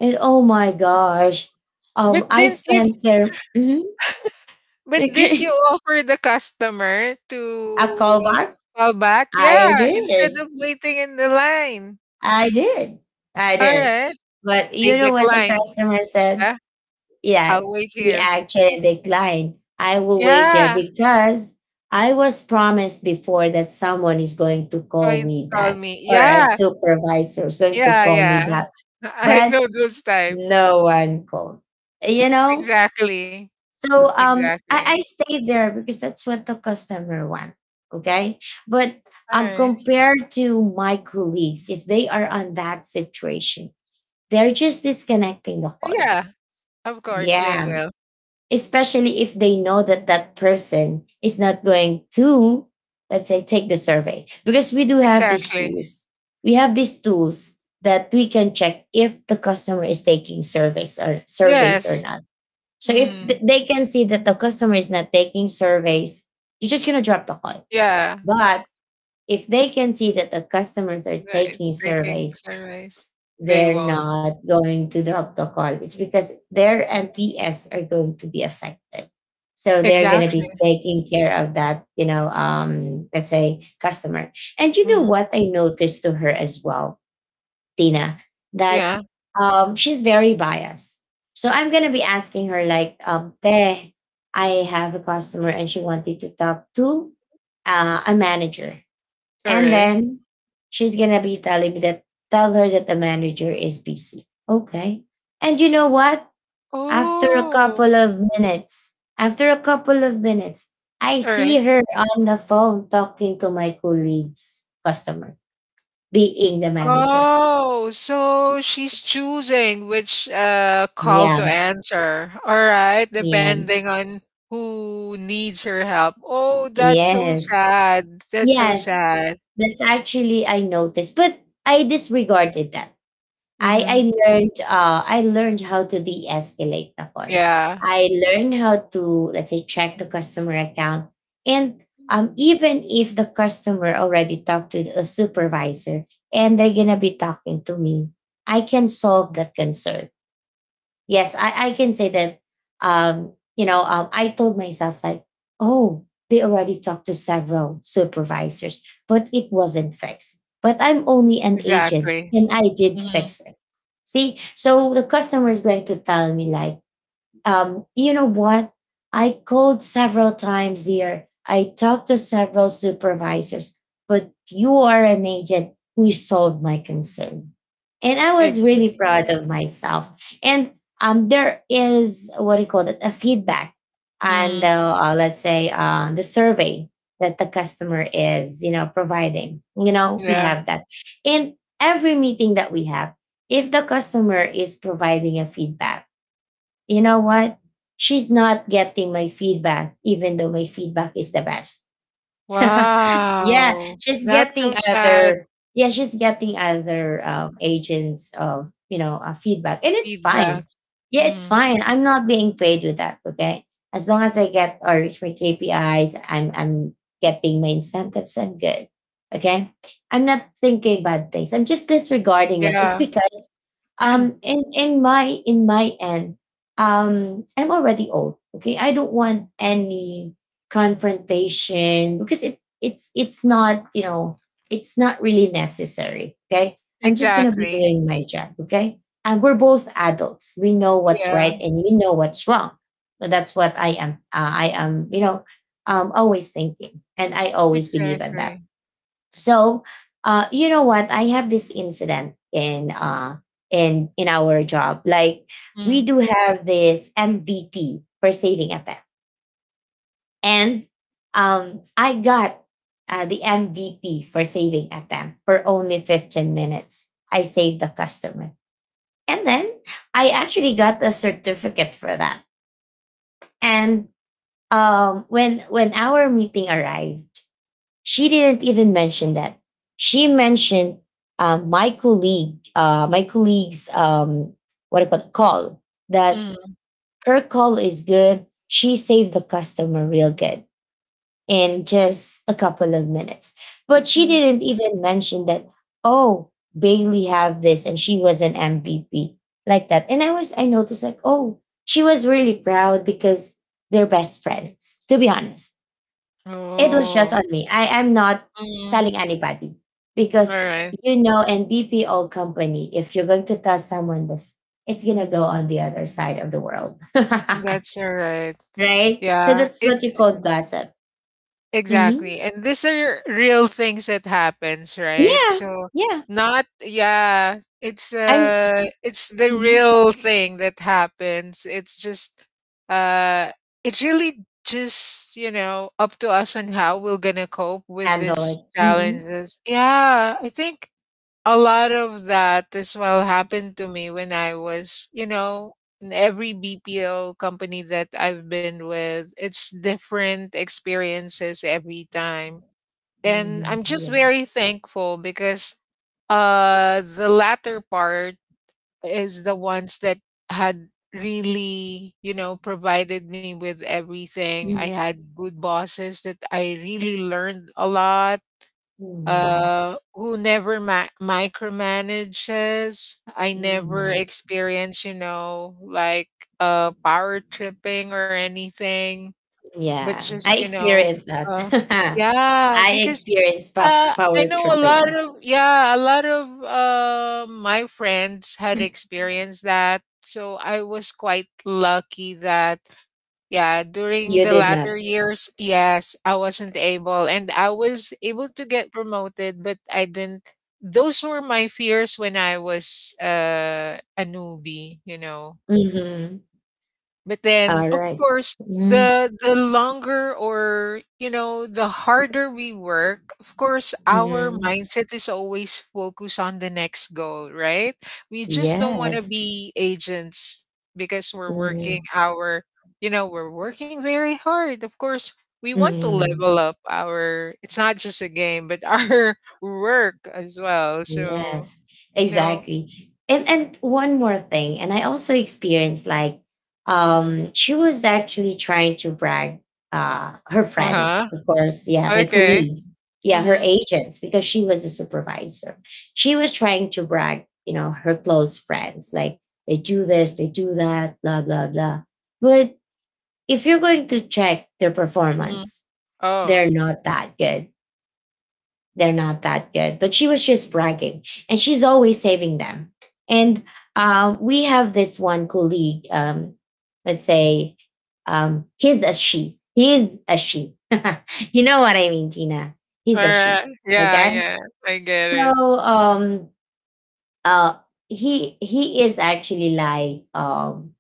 And oh my gosh. Um, But I didn't you spent there. Mhm. but didn't you Okay. offer the customer to [laughs] A callback. call back? I Yeah, instead did. of waiting in the line. I did. I did. Alright. But They you know what the declined, customer said? yeah? Yeah, I'll wait he here. actually declined. I will wait here Yeah. because I was promised before that someone is going to call Call me Call back me. or a Yeah. supervisor is going to Yeah, call me yeah. back. I But know those types. no one called. You know? Exactly. So um I, Exactly. I stayed there because that's what the customer want. Okay. But um Alright. compared to my colleagues, if they are on that situation, they're just disconnecting the calls. Yeah, of course they Yeah. will. Especially if they know that that person is not going to, let's say, take the survey. Because we do have these Exactly. tools. We have these tools that we can check if the customer is taking surveys or surveys or Yes. not. So if th- Mhm. they can see that the customer is not taking surveys, you're just gonna drop the call. Yeah. But if they can see that the customers are Right. taking Thinking surveys, sunrise. They they're won't. not going to drop the call. It's because their M P S are going to be affected. So they're going to Exactly. be taking care of that, you know, um, let's say customer. And you know Mhm. what I noticed to her as well, Tina, that Yeah. um, she's very biased. So I'm going to be asking her like, um, Teh, I have a customer and she wanted to talk to uh, a manager and Alright. then she's gonna be telling me that tell her that the manager is busy. Okay. And you know what? After a couple Oh. of minutes, after a couple of minutes, I Alright. see her on the phone talking to my colleague's customer, being the manager. Oh, so she's choosing which uh, call to Yeah, answer. All right, yeah, depending on who needs her help. Oh, that's so yes, sad. That's so yes. sad. That's actually I noticed, but I disregarded that I I Mm-hmm. learned uh I learned how to de-escalate the call. Yeah, I learned how to let's say check the customer account and um even if the customer already talked to a supervisor and they're gonna be talking to me, I can solve that concern. Yes, I, I can say that. Um, you know, um, I told myself like, oh, they already talked to several supervisors, but it wasn't fixed. But I'm only an agent, exactly. and I did Mm-hmm. fix it. See, so the customer is going to tell me like, um, you know what? I called several times here. I talked to several supervisors, but you are an agent who solved my concern. And I was really proud Exactly. of myself. And um, there is what do you call it? A feedback and Mm-hmm. the, uh, let's say uh, the survey that the customer is, you know, providing. You know, we Yeah. have that. And every meeting that we have, if the customer is providing a feedback, you know what? She's not getting my feedback, even though my feedback is the best. [laughs] yeah, Wow. she's That's so getting sad other yeah, she's getting other um, agents of you know uh, feedback, and it's fine. feedback. Yeah, it's Mm-hmm. fine. I'm not being paid with that. Okay, as long as I get or reach my K P Is, I'm I'm getting my incentives. I'm good. Okay, I'm not thinking bad things. I'm just disregarding it. It's Yeah, because um [clears throat] in in my in my end um I'm already old. Okay, I don't want any confrontation because it it's it's not you know it's not really necessary, okay. I'm just gonna be exactly. doing my job, okay. And we're both adults; we know what's Yeah, right and we know what's wrong. But that's what I am, uh, I am, you know um always thinking, and I always believe in that. exactly. So uh Oh, you know what, I have this incident in uh in in our job, like we mm-hmm. do have this MVP per saving attempt. And um, I got uh, the M V P for saving attempt for only fifteen minutes. I saved the customer. And then I actually got a certificate for that. And um, when when our meeting arrived, she didn't even mention that. She mentioned uh, my colleague, uh, my colleague's um, what do you call it, call, that Mm mm, her call is good. She saved the customer real good, in just a couple of minutes. But she mm. didn't even mention that, oh, Bailey have this and she was an M V P like that. And I was I noticed like, oh, she was really proud because they're best friends. To be honest, it was just Oh, on me. I am not mm, telling anybody because alright. you know, in B P O company, if you're going to tell someone this, it's gonna go on the other side of the world, That's alright. [laughs] right? So Yeah, that's it what you call Mm, gossip. Hmm. exactly. And these are real things that happens, right? Yeah, So yeah. not yeah, it's I'm uh it's the Mhm. real thing that happens. It's just uh it really just, you know, up to us on how we're gonna cope with Handle it. these Mhm. challenges. Yeah, I think a lot of that as well happened to me when I was, you know, in every B P O company that I've been with, it's different experiences every time. And Mhm. I'm just Yeah. very thankful because uh the latter part is the ones that had really, you know, provided me with everything. I Mhm. had good bosses that I really learned a lot Mhm. uh, who never ma- micromanages. I never Mhm. experience, you know, like uh, power tripping or anything but Yeah. just I you know experienced that. uh [laughs] yeah I because experienced pop uh I power know a lot tripping. of yeah a lot of uh my friends had [laughs] experienced that so I was quite lucky that yeah during You the did latter not. years yes I wasn't able and I was able to get promoted but I didn't those were my fears when I was uh a newbie, you know, Mhm. but then, All of right. course, Mhm. the the longer or you know the harder we work, of course, our Mhm. mindset is always focused on the next goal, right? We just don't want to Yes. be agents because we're working Mhm. our, you know, we're working very hard. Of course, we want to Mhm. level up our. It's not just a game, but [laughs] our work as well. So Yes, you know, exactly. And and one more thing, and I also experienced like um she was actually trying to brag uh her uh huh. friends, of course, yeah, my Okay. colleagues, yeah, her Mm-hmm. agents, because she was a supervisor. She was trying to brag, you know, her close friends, like they do this, they do that, blah, blah, blah. But if you're going to check their Hmm. performance, they're Oh. not that good they're not that good. But she was just bragging, and she's always saving them. And uh, we have this one colleague. Um, let's say um, he's a she. He's a she. [laughs] you know what I mean, Tina. He's a she. Alright. Yeah, Okay. yeah, I get So it. um, uh, he he is actually like um,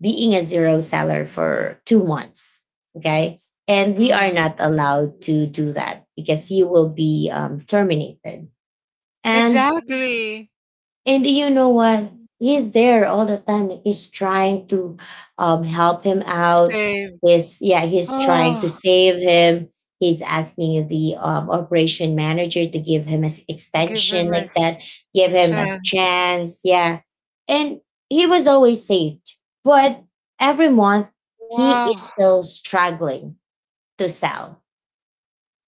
being a zero seller for two months. Okay. And we are Mhm. not allowed to do that because he will be um, terminated. And Exactly. and you know what, he's there all the time, he's trying to um help him out, Same. he's yeah he's trying Oh, to save him, he's asking the um, operation manager to give him an to give extension him a like that, s give a him a chance. chance, yeah. And he was always saved, but every month he Wow. is still struggling to sell.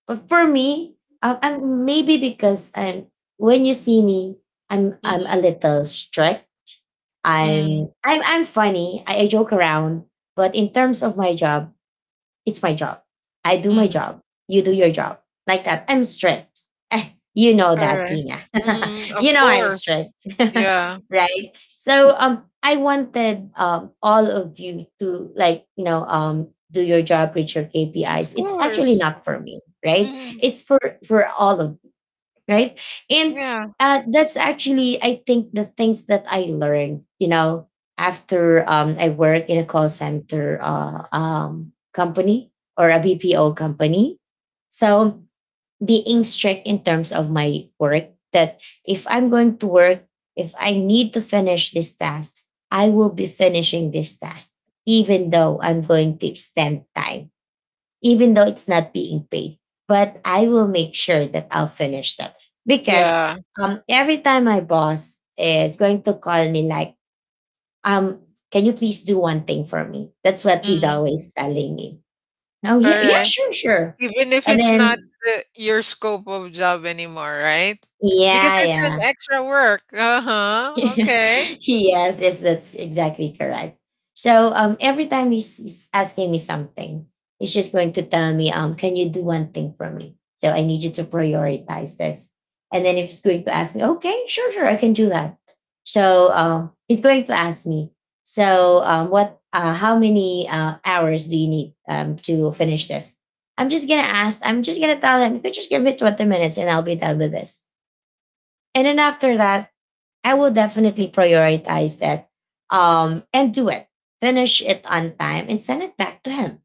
But for me, um, I'm maybe because I'm when you see me, I'm Mm, I'm a little strict. I'm mhm, I'm I'm funny. I, I joke around, but in terms of my job, it's my job. I do my mhm. job. You do your job. Like that. I'm strict. Eh, you know that, Alright. Tina. Mhm, [laughs] you of know I'm course. strict. Yeah. [laughs] right? So um I wanted um all of you to like, you know, um do your job, reach your K P Is. Of It's actually course. not for me, right? Mhm, It's for for all of right? And yeah. Uh, that's actually, I think, the things that I learned, you know, after um, I work in a call center uh, um, company or a B P O company. So being strict in terms of my work, that if I'm going to work, if I need to finish this task, I will be finishing this task, even though I'm going to extend time even though it's not being paid. But I will make sure that I'll finish them because Yeah. um, every time my boss is going to call me, like, um, can you please do one thing for me? That's what he's Mhm. always telling me. Oh, yeah, yeah, Alright. sure, sure. Even if And it's not then, the your scope of job anymore, right? Because yeah, it's an yeah. extra work. [laughs] Uh-huh, yes, okay. yes, that's exactly correct. So um, every time he's, he's asking me something, he's just going to tell me, um, can you do one thing for me? So I need you to prioritize this. And then if he's going to ask me, okay, sure, sure, I can do that. So um, he's going to ask me, so um, what, uh, how many uh, hours do you need um, to finish this? I'm just gonna ask. I'm just gonna tell him. You could just give me twenty minutes, and I'll be done with this. And then after that, I will definitely prioritize that um, and do it. Finish it on time and send it back to him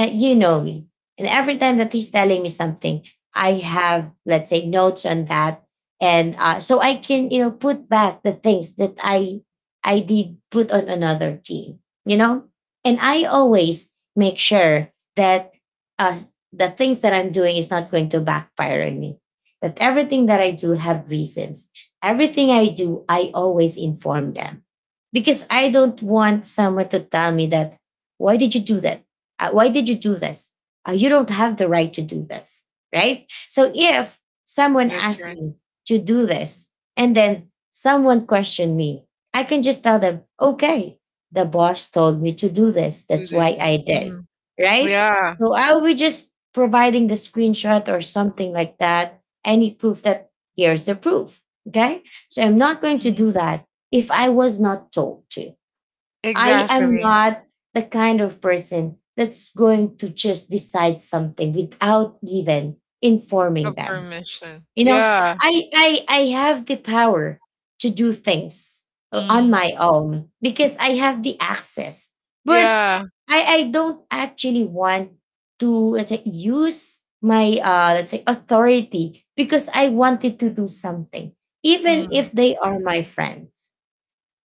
uh, you know me. And every time that he's telling me something, I have, let's say, notes on that. And uh, so I can, you know, put back the things that I I did put on another team, you know? And I always make sure that uh, the things that I'm doing is not going to backfire on me. That everything that I do have reasons. Everything I do, I always inform them. Because I don't want someone to tell me that, why did you do that? Uh, why did you do this? Uh, you don't have the right to do this, right? So if someone That's asked right. me to do this and then someone questioned me, I can just tell them, okay, the boss told me to do this. Do That's this. why I did, Mhm. right? Yeah. So I'll be just providing the screenshot or something like that, any proof that here's the proof, okay? So I'm not going to Mm. do that if I was not told to. I am Exactly. not the kind of person that's going to just decide something without even A informing them. permission. You know, Yeah. I I I have the power to do things uh, on Mhm. my own because I have the access. But Yeah. I I don't actually want to, let's say, use my, uh let's say, authority because I wanted to do something, even Mhm. if they are my friends,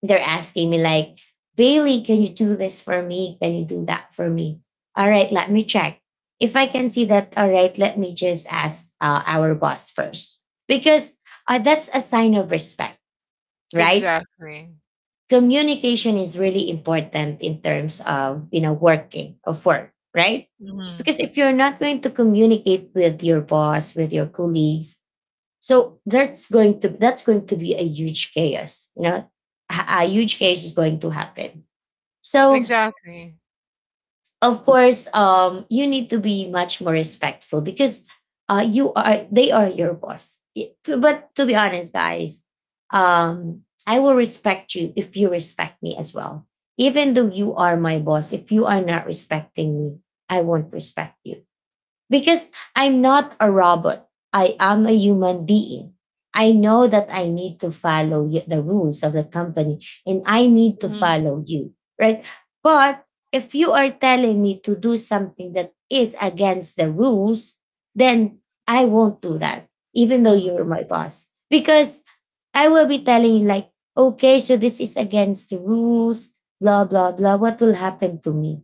they're asking me like, Bailey, can you do this for me? Can you do that for me? All right, let me check. If I can see that, all right, let me just ask uh, our boss first because uh, that's a sign of respect, right? Exactly. Communication is really important in terms of, you know, working of work, right? Mhm. Because if you're not going to communicate with your boss, with your colleagues, so that's going to that's going to be a huge chaos. You know, a a huge chaos is going to happen, so, Exactly. of course, um, you need to be much more respectful because uh, you are they are your boss. Y- But to be honest, guys, um, I will respect you if you respect me as well. Even though you are my boss, if you are not respecting me, I won't respect you. Because I'm not a robot. I am a human being. I know that I need to follow y- the rules of the company and I need to Mhm. follow you, right? But if you are telling me to do something that is against the rules, then I won't do that, even though Mhm. you're my boss. Because I will be telling you, like, okay, so this is against the rules, blah, blah, blah. What will happen to me?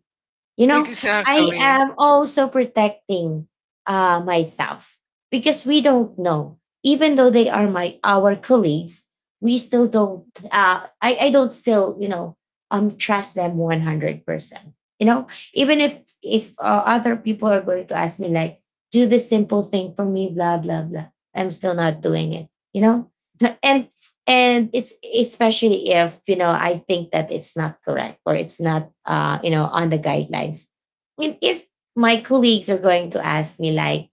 You know, I Exactly. am also protecting uh, myself because we don't know. Even though they are my our colleagues, we still don't. Uh, I I don't still, you know, um trust them one hundred percent. You know, even if if uh, other people are going to ask me like, do the simple thing for me, blah blah blah. I'm still not doing it. You know, [laughs] and and it's especially if, you know, I think that it's not correct or it's not, uh you know, on the guidelines. I mean, if my colleagues are going to ask me like,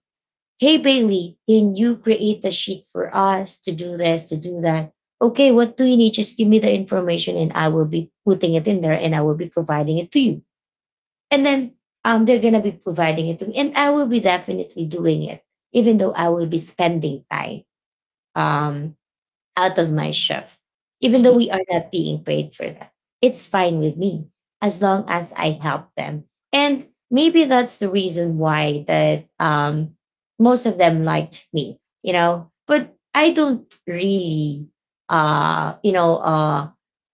hey Bailey, can you create the sheet for us to do this, to do that, okay, what do you need? Just give me the information and I will be putting it in there and I will be providing it to you. And then um, they're going to be providing it to me and I will be definitely doing it even though I will be spending time um, out of my chef, even though Mhm. we are not being paid for that. It's fine with me as long as I help them. And maybe that's the reason why that um, most of them liked me, you know. But I don't really, uh, you know, uh,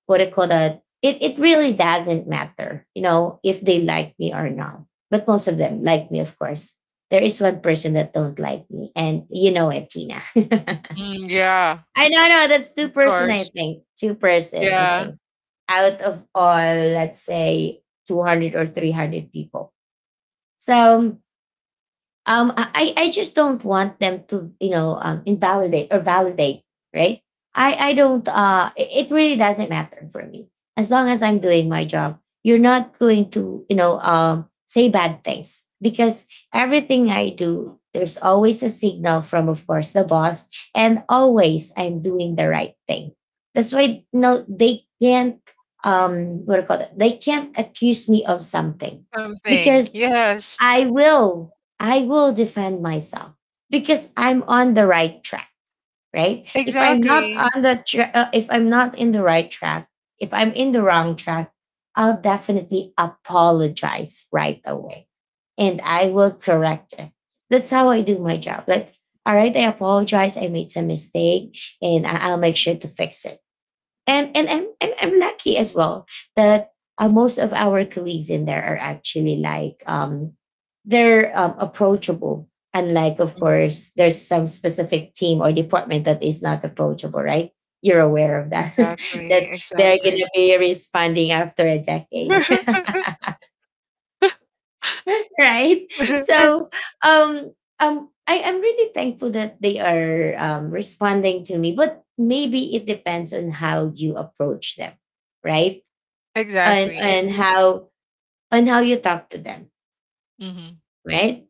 what I call that. It it really doesn't matter, you know, if they like me or not. But most of them like me, of course. There is one person that don't like me, and you know it, Tina. [laughs] Mm, yeah. I know, I know. That's two Of person, I course. think. Two person, I Yeah. think. Out of all, let's say two hundred or three hundred people. So um i i I just don't want them to, you know, um, invalidate or validate, right? I i don't, uh it it really doesn't matter for me. As long as I'm doing my job, you're not going to, you know, um say bad things because everything I do, there's always a signal from, of course, the boss, and always I'm doing the right thing. That's why no, they can't, um what do you call it, they can't accuse me of something Something. because Yes. I will. I will defend myself because I'm on the right track, right? If I'm not Exactly. on the tra- uh, if I'm not in the right track, if I'm in the wrong track, I'll definitely apologize right away and I will correct it. That's how I do my job. Like, all right, I apologize. I made some mistake and I- I'll make sure to fix it and and I'm I'm, I'm lucky as well that uh, most of our colleagues in there are actually like um they're, um, approachable. Unlike, of Mhm. course, there's some specific team or department that is not approachable, right? You're aware of that. [laughs] Exactly. that they're Exactly. gonna be responding after a decade, [laughs] [laughs] right? So, um, um, I am really thankful that they are um, responding to me, but maybe it depends on how you approach them, right? and Exactly. and And how, and how you talk to them, Mhm. right?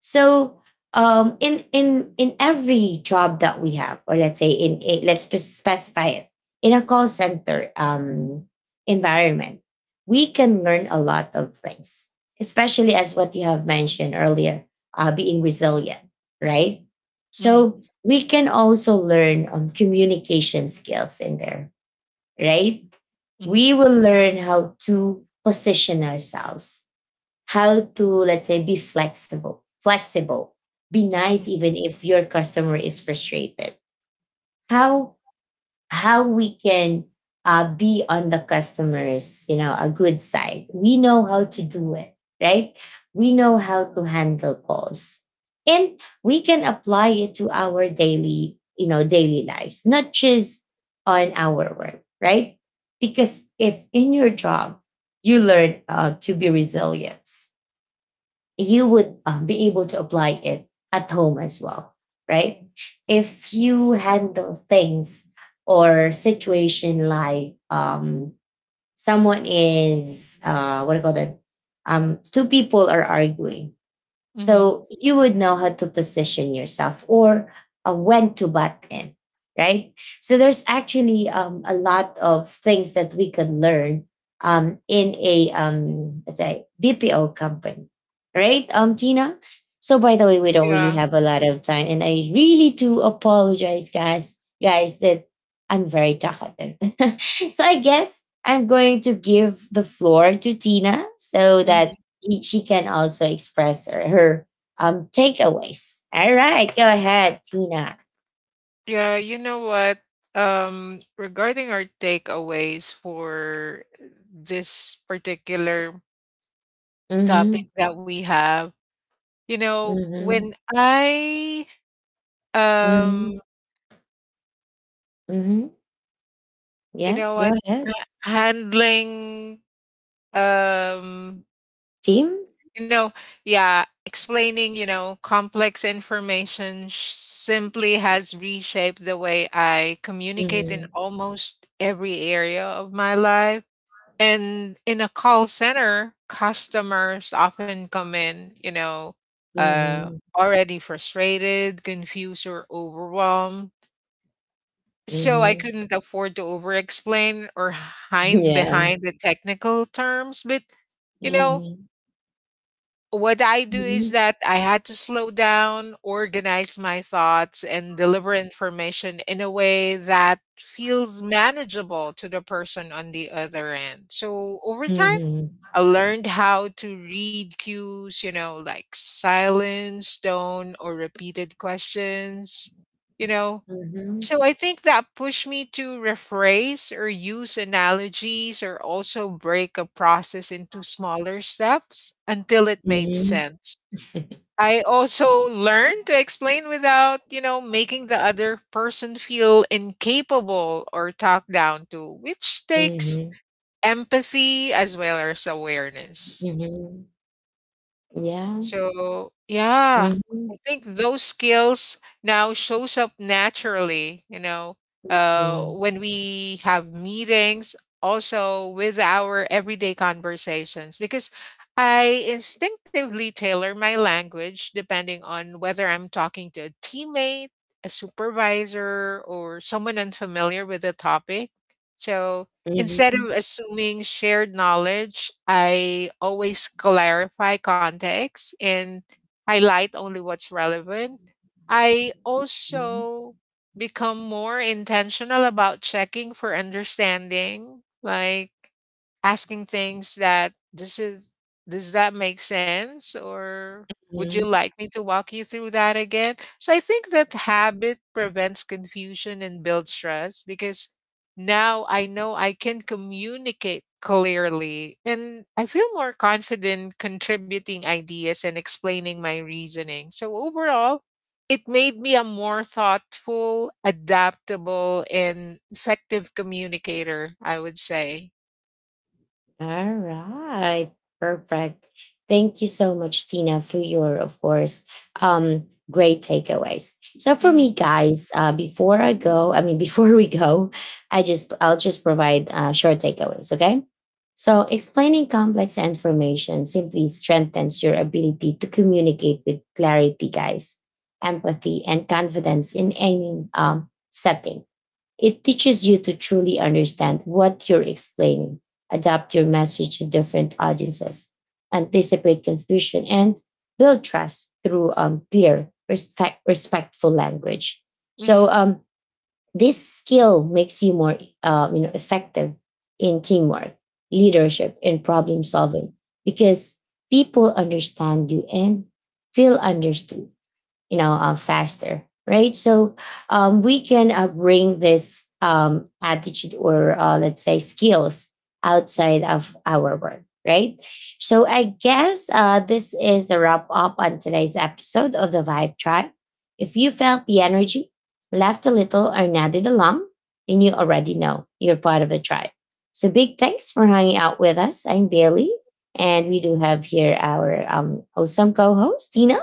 So um in in in every job that we have, or let's say in a, let's spe- specify it, in a call center um environment, we can learn a lot of things, especially as what you have mentioned earlier, uh, being resilient, right? Mhm. So we can also learn um, communication skills in there, right? Mhm. We will learn how to position ourselves, how to, let's say, be flexible flexible, be Mhm. nice even if your customer is frustrated. how how we can uh, be on the customers, you know, a good side. We know how to do it, right? We know how to handle calls and we can apply it to our daily, you know, daily lives, not just on our work, right? Because if in your job you learn uh, to be resilient, you would um, be able to apply it at home as well, right? If you handle things or situation like, um, someone is, uh, what do you call that? Um, two people are arguing, Mhm. so you would know how Mhm. to position yourself, or uh, when to butt in, right? So there's actually um, a lot of things that we can learn um, in a um, let's say B P O company, right, um, Tina? So by the way, we don't really Yeah. have a lot of time, and I really do apologize, guys, guys, that I'm very talkative. [laughs] So I guess I'm going to give the floor to Tina so that Mhm. she, she can also express her, her um takeaways. All right, go ahead, Tina. Yeah, you know what? Um, regarding our takeaways for this particular topic Mm-hmm. that we have, you know, Mm-hmm. when I, Mm-hmm. um, Mm-hmm. you Yes, know go what, ahead. ha- handling, um, Team? you know, yeah, explaining, you know, complex information sh- simply has reshaped the way I communicate Mm-hmm. in almost every area of my life. And in a call center, customers often come in, you know, uh, Mm-hmm. already frustrated, confused, or overwhelmed. So I Mm-hmm. couldn't afford to over explain or hide Yeah. behind the technical terms. But, you know, Mm-hmm. what I do is Mm-hmm. that I had to slow down, organize my thoughts, and deliver information in a way that feels manageable to the person on the other end. So over time, Mm-hmm. I learned how to read cues, you know, like silence, tone, or repeated questions, you know. So I think that pushed me to rephrase or use analogies or also break a process into smaller steps until it made Mm-hmm. Mm-hmm. sense. I also learned to explain without, you know, making the other person feel incapable or talked down to, which takes Mhm, empathy as well as awareness. mhm, yeah. So, yeah, I Mm-hmm. think those skills now shows up naturally, you know, uh, Mm-hmm. when we have meetings, also with our everyday conversations, because I instinctively tailor my language depending on whether I'm talking to a teammate, a supervisor, or someone unfamiliar with the topic. So, instead of Mm-hmm. assuming shared knowledge, I always clarify context and highlight only what's relevant. I Mm-hmm, also become more intentional about checking for understanding, like asking things that this is does that make sense, or would you mm-hmm. like me to walk you through that again? So I think that habit prevents confusion and builds trust because now I know I can communicate clearly and I feel more confident contributing ideas and explaining my reasoning. So overall, it made me a more thoughtful, adaptable, and effective communicator, I would say. All right. Perfect. Thank you so much, Tina, for your, of course, um, great takeaways. So for Mm-hmm. me, guys, uh, before I go, I mean, [laughs] before we go, I just I'll just provide uh, short takeaways. Okay. So explaining complex information simply strengthens your ability to communicate with clarity, guys, empathy, and confidence in any um, setting. It teaches you to truly understand what you're explaining, adapt your message to different audiences, anticipate confusion, and build trust through um, clear, respect, respectful language. So, Mhm. um, this skill makes you more, uh, you know, effective in teamwork, leadership, and problem solving because people understand you and feel understood, you know, uh, faster, right? So um, we can uh, bring this um, attitude or, uh, let's say, skills outside of our work, right? So I guess, uh, this is a wrap up on today's episode of the Vibe Tribe. If you felt the energy, laughed a little, or nodded along, then you already know you're part of the tribe. So big thanks for hanging out with us. I'm Bailey, and we do have here our, um, awesome co-host Tina.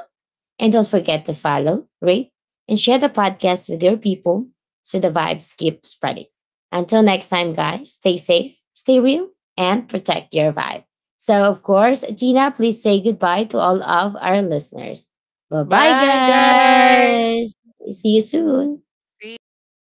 And don't forget to follow, rate, and share the podcast with your people so the vibes keep spreading. Until next time, guys, stay safe, stay real, and protect your vibe. So, of course, Gina, please say goodbye to all of our listeners. Bye bye, Bye, guys. guys. See you soon. See you.